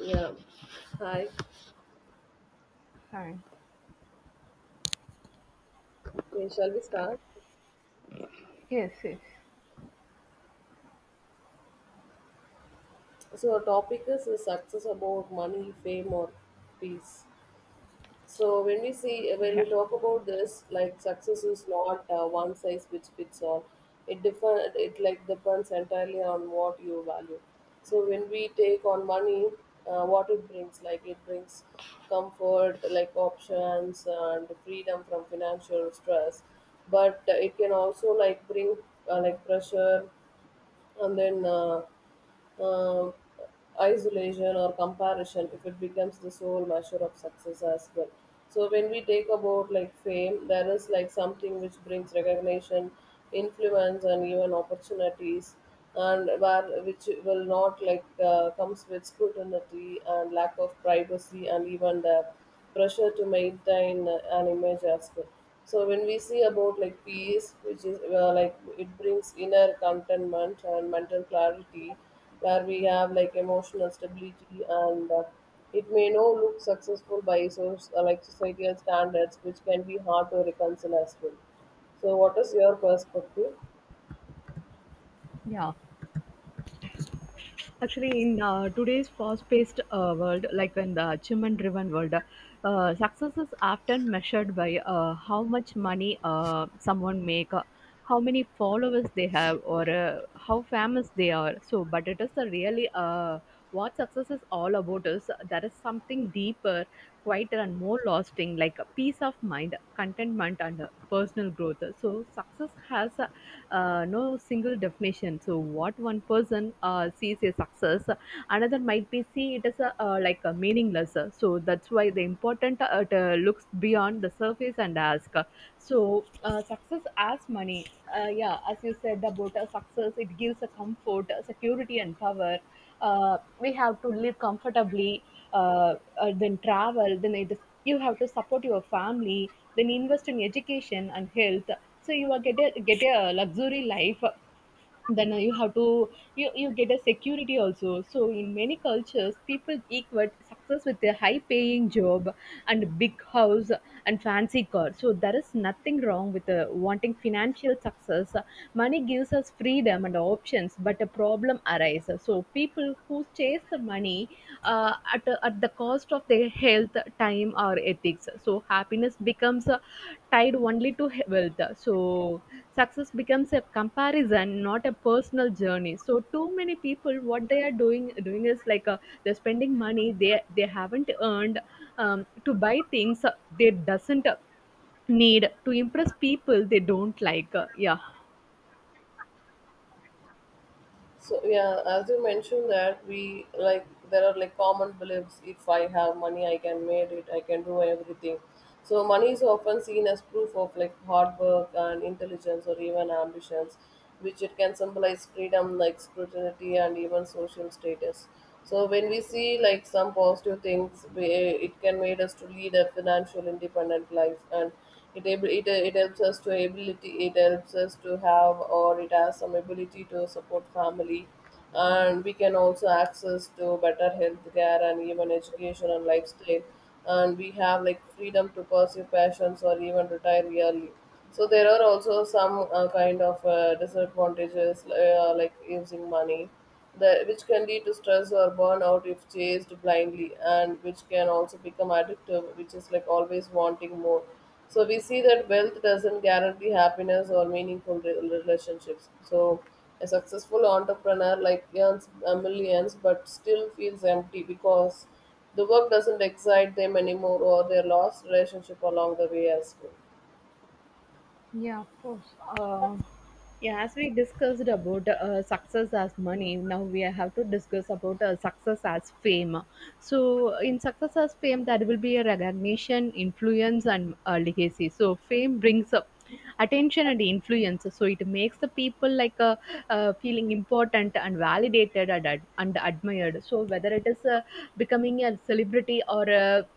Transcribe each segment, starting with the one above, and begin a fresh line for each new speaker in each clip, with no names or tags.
Yeah. Hi.
Fine.
Okay, shall we start?
Yes, yes.
So our topic is the success about money, fame, or peace. So when
Yeah.
we talk about this, like success is not one size which fits all. It differ. It like depends entirely on what you value. So when we take on money, what it brings, like it brings comfort, like options and freedom from financial stress, but it can also like bring like pressure and then um, isolation or comparison if it becomes the sole measure of success as well. So when we take about like fame, there is like something which brings recognition, influence, and even opportunities, and where which will not like comes with scrutiny and lack of privacy and even the pressure to maintain an image as well. So when we see about like peace, which is like it brings inner contentment and mental clarity, where we have like emotional stability and it may not look successful by source, like societal standards, which can be hard to reconcile as well. So what is your perspective?
Yeah, actually, in today's fast-paced world, like in the achievement-driven world, success is often measured by how much money someone make, how many followers they have, or how famous they are. So, but it is a really what success is all about is there is something deeper, quieter, and more lasting, like a peace of mind, contentment, and personal growth. So, success has no single definition. So, what one person sees as success, another might be see it as a, like a meaningless. So, that's why the important it, looks beyond the surface and ask. So, success as money. Yeah, as you said about success, it gives a comfort, security, and power we have to live comfortably then travel then it is, you have to support your family then invest in education and health so you are get a luxury life then you have to you get a security also. So in many cultures people equate success with a high paying job and big house and fancy car, so there is nothing wrong with wanting financial success. Money gives us freedom and options, but a problem arises. So people who chase the money at the cost of their health, time or ethics, so happiness becomes tied only to wealth. So success becomes a comparison, not a personal journey. So too many people, what they are doing is like they're spending money they haven't earned, to buy things they doesn't need, to impress people they don't like. Yeah.
So yeah, as you mentioned that we like there are like common beliefs. If I have money, I can make it. I can do everything. So money is often seen as proof of like hard work and intelligence or even ambitions, which it can symbolize freedom, like scrutiny and even social status. So when we see like some positive things, we, it can made us to lead a financial independent life, and it ab- it it helps us to ability it helps us to have, or it has some ability to support family, and we can also access to better health care and even education and lifestyle, and we have like freedom to pursue passions or even retire early. So there are also some kind of disadvantages like using money, the, which can lead to stress or burnout if chased blindly, and which can also become addictive, which is like always wanting more. So we see that wealth doesn't guarantee happiness or meaningful relationships. So a successful entrepreneur like earns millions, but still feels empty because the work doesn't excite them anymore, or they lost relationship along the way as well.
Yeah, as we discussed about success as money, now we have to discuss about success as fame. So, in success as fame, there will be a recognition, influence, and legacy. So, fame brings up attention and influence. So, it makes the people like feeling important and validated and, and admired. So, whether it is becoming a celebrity or a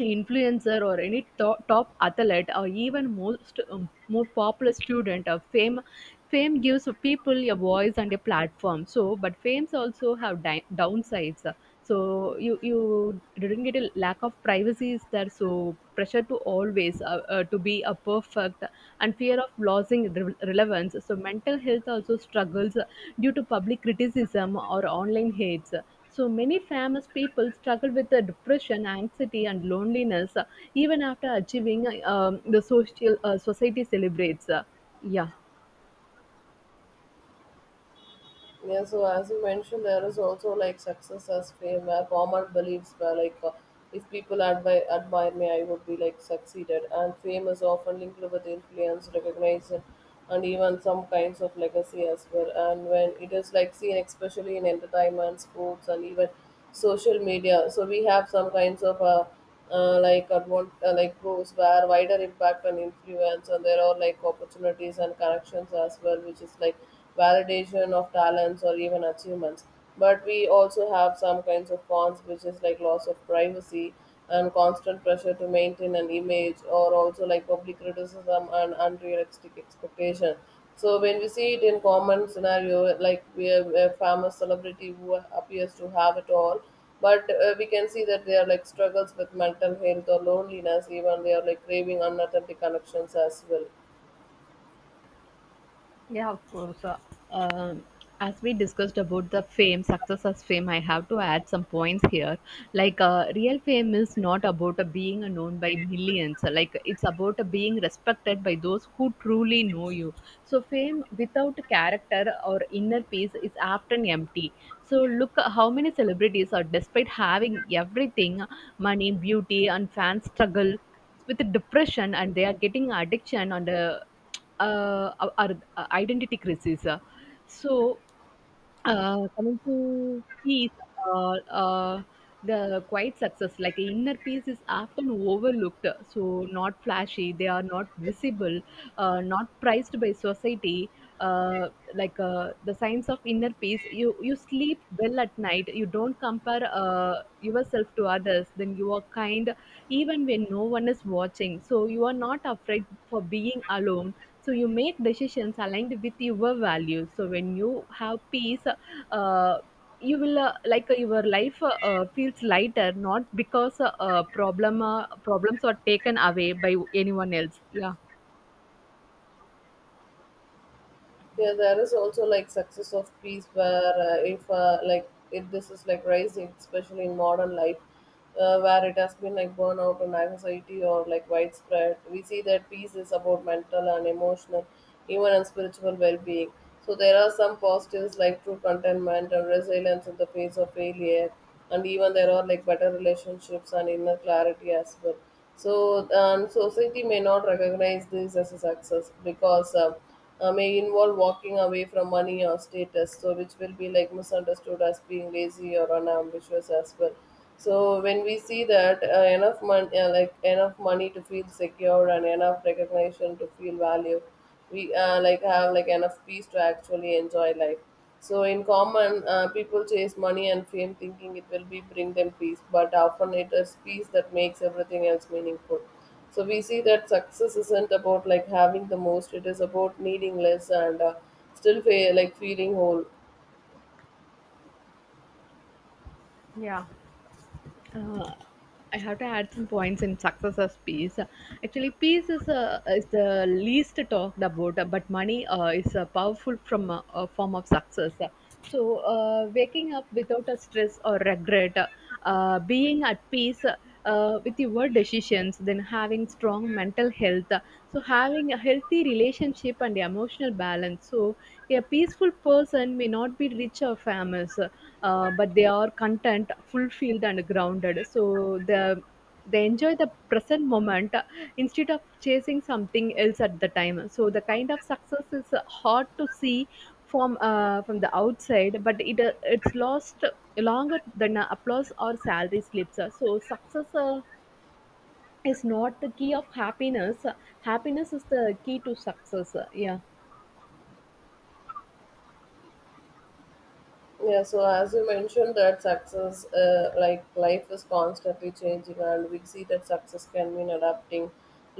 influencer or any top athlete or even most more popular student of fame. Fame gives people a voice and a platform. So, but fames also have downsides. So you didn't get a lack of privacy is there. So pressure to always to be a perfect and fear of losing relevance. So mental health also struggles due to public criticism or online hates. So many famous people struggle with the depression, anxiety, and loneliness even after achieving the social society celebrates. Yeah.
Yeah, so as you mentioned, there is also like success as fame, where common beliefs were like if people admire me, I would be like succeeded. And fame is often linked with influence, recognition, and even some kinds of legacy as well. And when it is like seen, especially in entertainment, sports, and even social media. So we have some kinds of like like pros, where wider impact and influence, and there are like opportunities and connections as well, which is like validation of talents or even achievements. But we also have some kinds of cons, which is like loss of privacy and constant pressure to maintain an image, or also like public criticism and unrealistic expectation. So when we see it in common scenario, like we have a famous celebrity who appears to have it all, but we can see that they are like struggles with mental health or loneliness, even they are like craving unauthentic connections as well.
Yeah, of course. Um, as we discussed about the fame, success as fame, I have to add some points here. Like, real fame is not about being known by millions. Like, it's about being respected by those who truly know you. So, fame without character or inner peace is often empty. So, look how many celebrities are, despite having everything, money, beauty, and fans, struggle with depression and they are getting addiction and our identity crisis. So, coming to peace, uh, uh, the quiet success, like inner peace, is often overlooked. So, not flashy, they are not visible, not prized by society. Uh, like the signs of inner peace, you sleep well at night. You don't compare yourself to others. Then you are kind, even when no one is watching. So you are not afraid for being alone. So you make decisions aligned with your values. So when you have peace, you will like your life feels lighter, not because problems are taken away by anyone else. Yeah.
Yeah, there is also like success of peace, where if like if this is like rising, especially in modern life, where it has been like burnout and anxiety or like widespread. We see that peace is about mental and emotional, even and spiritual well-being. So there are some positives, like true contentment and resilience in the face of failure, and even there are like better relationships and inner clarity as well. So society may not recognize this as a success because may involve walking away from money or status, so which will be like misunderstood as being lazy or unambitious as well. So when we see that like enough money to feel secure and enough recognition to feel value, we like have like enough peace to actually enjoy life. So in common, people chase money and fame, thinking it will be bring them peace, but often it is peace that makes everything else meaningful. So we see that success isn't about like having the most; it is about needing less and still like feeling whole.
uh, I have to add some points in success as peace. Actually, peace is the least talked about, but money is a powerful a form of success. So, waking up without a stress or regret, being at peace with your decisions, then having strong mental health. So, having a healthy relationship and emotional balance. So, a peaceful person may not be rich or famous, but they are content, fulfilled, and grounded. So, the they enjoy the present moment instead of chasing something else at the time. So, the kind of success is hard to see from the outside, but it's lost longer than applause or salary slips. So, success. Is not the key of happiness. Happiness is the key to success. Yeah.
Yeah. So as you mentioned, that success, like life, is constantly changing, and we see that success can mean adapting,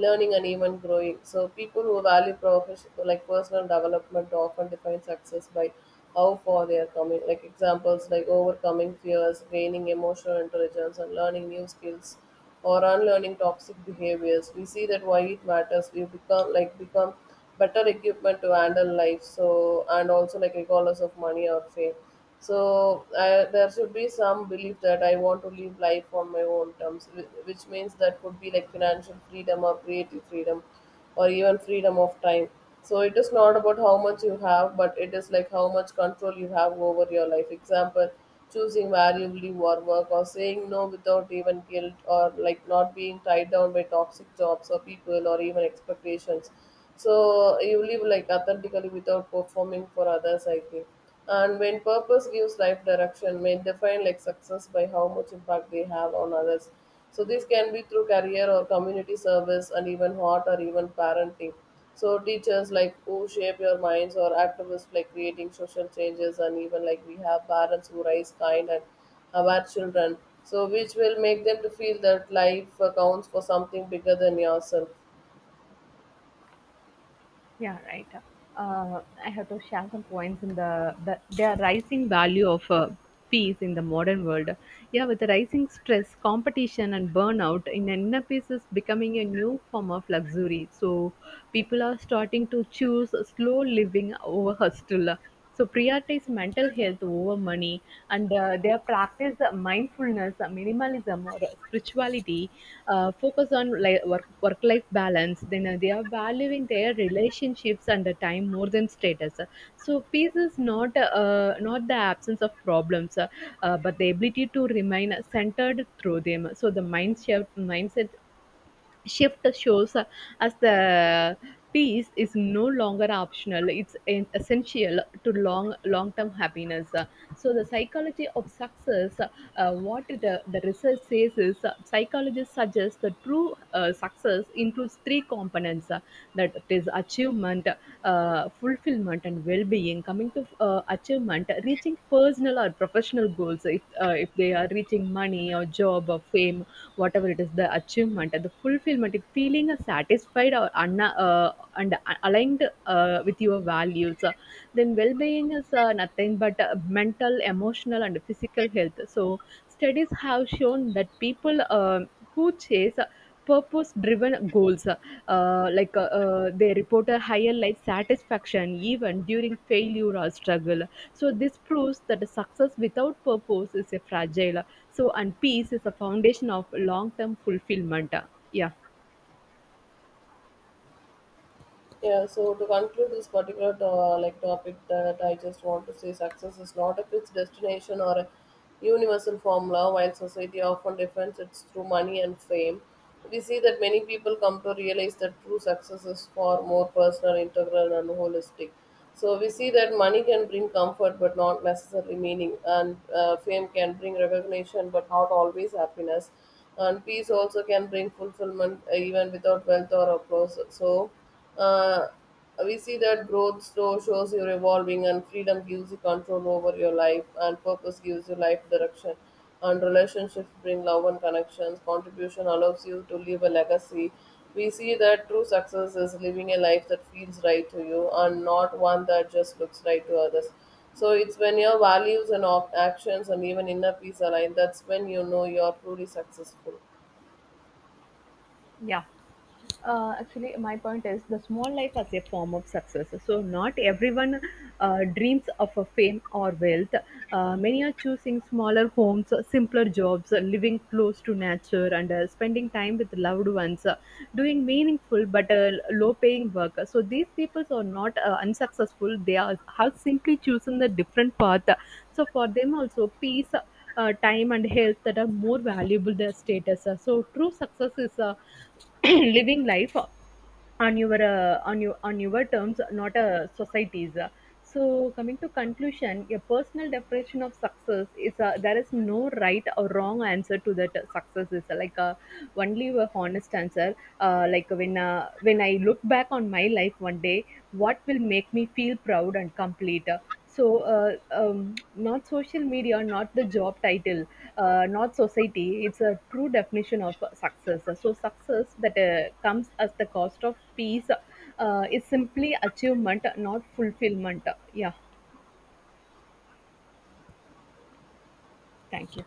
learning, and even growing. So people who value profession, like personal development, often define success by how far they are coming. Like examples like overcoming fears, gaining emotional intelligence, and learning new skills or unlearning toxic behaviors. We see that why it matters. We become better equipment to handle life. So and also like regardless of money or fame. So I, there should be some belief that I want to live life on my own terms, which means that could be like financial freedom or creative freedom, or even freedom of time. So it is not about how much you have, but it is like how much control you have over your life. Example, choosing variably war work, or saying no without even guilt, or like not being tied down by toxic jobs or people or even expectations. So you live like authentically without performing for others, I think. And when purpose gives life direction, may define like success by how much impact they have on others. So this can be through career or community service, and even hot or even parenting. So teachers like who shape your minds, or activists like creating social changes, and even like we have parents who raise kind and aware children. So which will make them to feel that life counts for something bigger than yourself.
Yeah, right. I have to share some points in the rising value of peace in the modern world. Yeah, with the rising stress, competition, and burnout, in inner peace is becoming a new form of luxury. So people are starting to choose slow living over hustle, so prioritize mental health over money, and they practice mindfulness, minimalism or spirituality, focus on work life balance. Then they are valuing their relationships and the time more than status. So peace is not the absence of problems, but the ability to remain centered through them. So the mindset shift shows as the peace is no longer optional, it's an essential to long term happiness. So the psychology of success, what the research says is psychologists suggest that true success includes three components, that it is achievement, fulfillment and well-being. Coming to achievement, reaching personal or professional goals, if they are reaching money or job or fame, whatever it is, the achievement. The fulfillment, it feeling satisfied or and aligned with your values. Then well-being is nothing but mental, emotional and physical health. So studies have shown that people who chase purpose driven goals, they report a higher life satisfaction even during failure or struggle. So this proves that success without purpose is a fragile, so, and peace is a foundation of long term fulfillment. Yeah.
Yeah, so to conclude this particular to, like topic, that I just want to say success is not a fixed destination or a universal formula, while society often defines it through money and fame. We see that many people come to realize that true success is far more personal, integral and holistic. So we see that money can bring comfort but not necessarily meaning, and fame can bring recognition but not always happiness, and peace also can bring fulfillment even without wealth or applause. So uh, we see that growth slow shows you're evolving, and freedom gives you control over your life, and purpose gives you life direction. And relationships bring love and connections. Contribution allows you to leave a legacy. We see that true success is living a life that feels right to you, and not one that just looks right to others. So it's when your values and actions and even inner peace align, that's when you know you're truly successful.
Yeah. Actually my point is the small life as a form of success. So not everyone dreams of a fame or wealth. Many are choosing smaller homes, simpler jobs, living close to nature and spending time with loved ones, doing meaningful but low paying work. So these people are not unsuccessful, they are have simply chosen the different path. So for them also, peace, time, and health that are more valuable than status. So true success is living life on your on your terms, not a society's. Uh. So coming to conclusion, a personal definition of success is, there is no right or wrong answer to that. Success is only a honest answer. Like when I look back on my life one day, what will make me feel proud and complete? So, not social media, not the job title, not society. It's a true definition of success. So, success that comes as the cost of peace is simply achievement, not fulfillment. Yeah, thank you.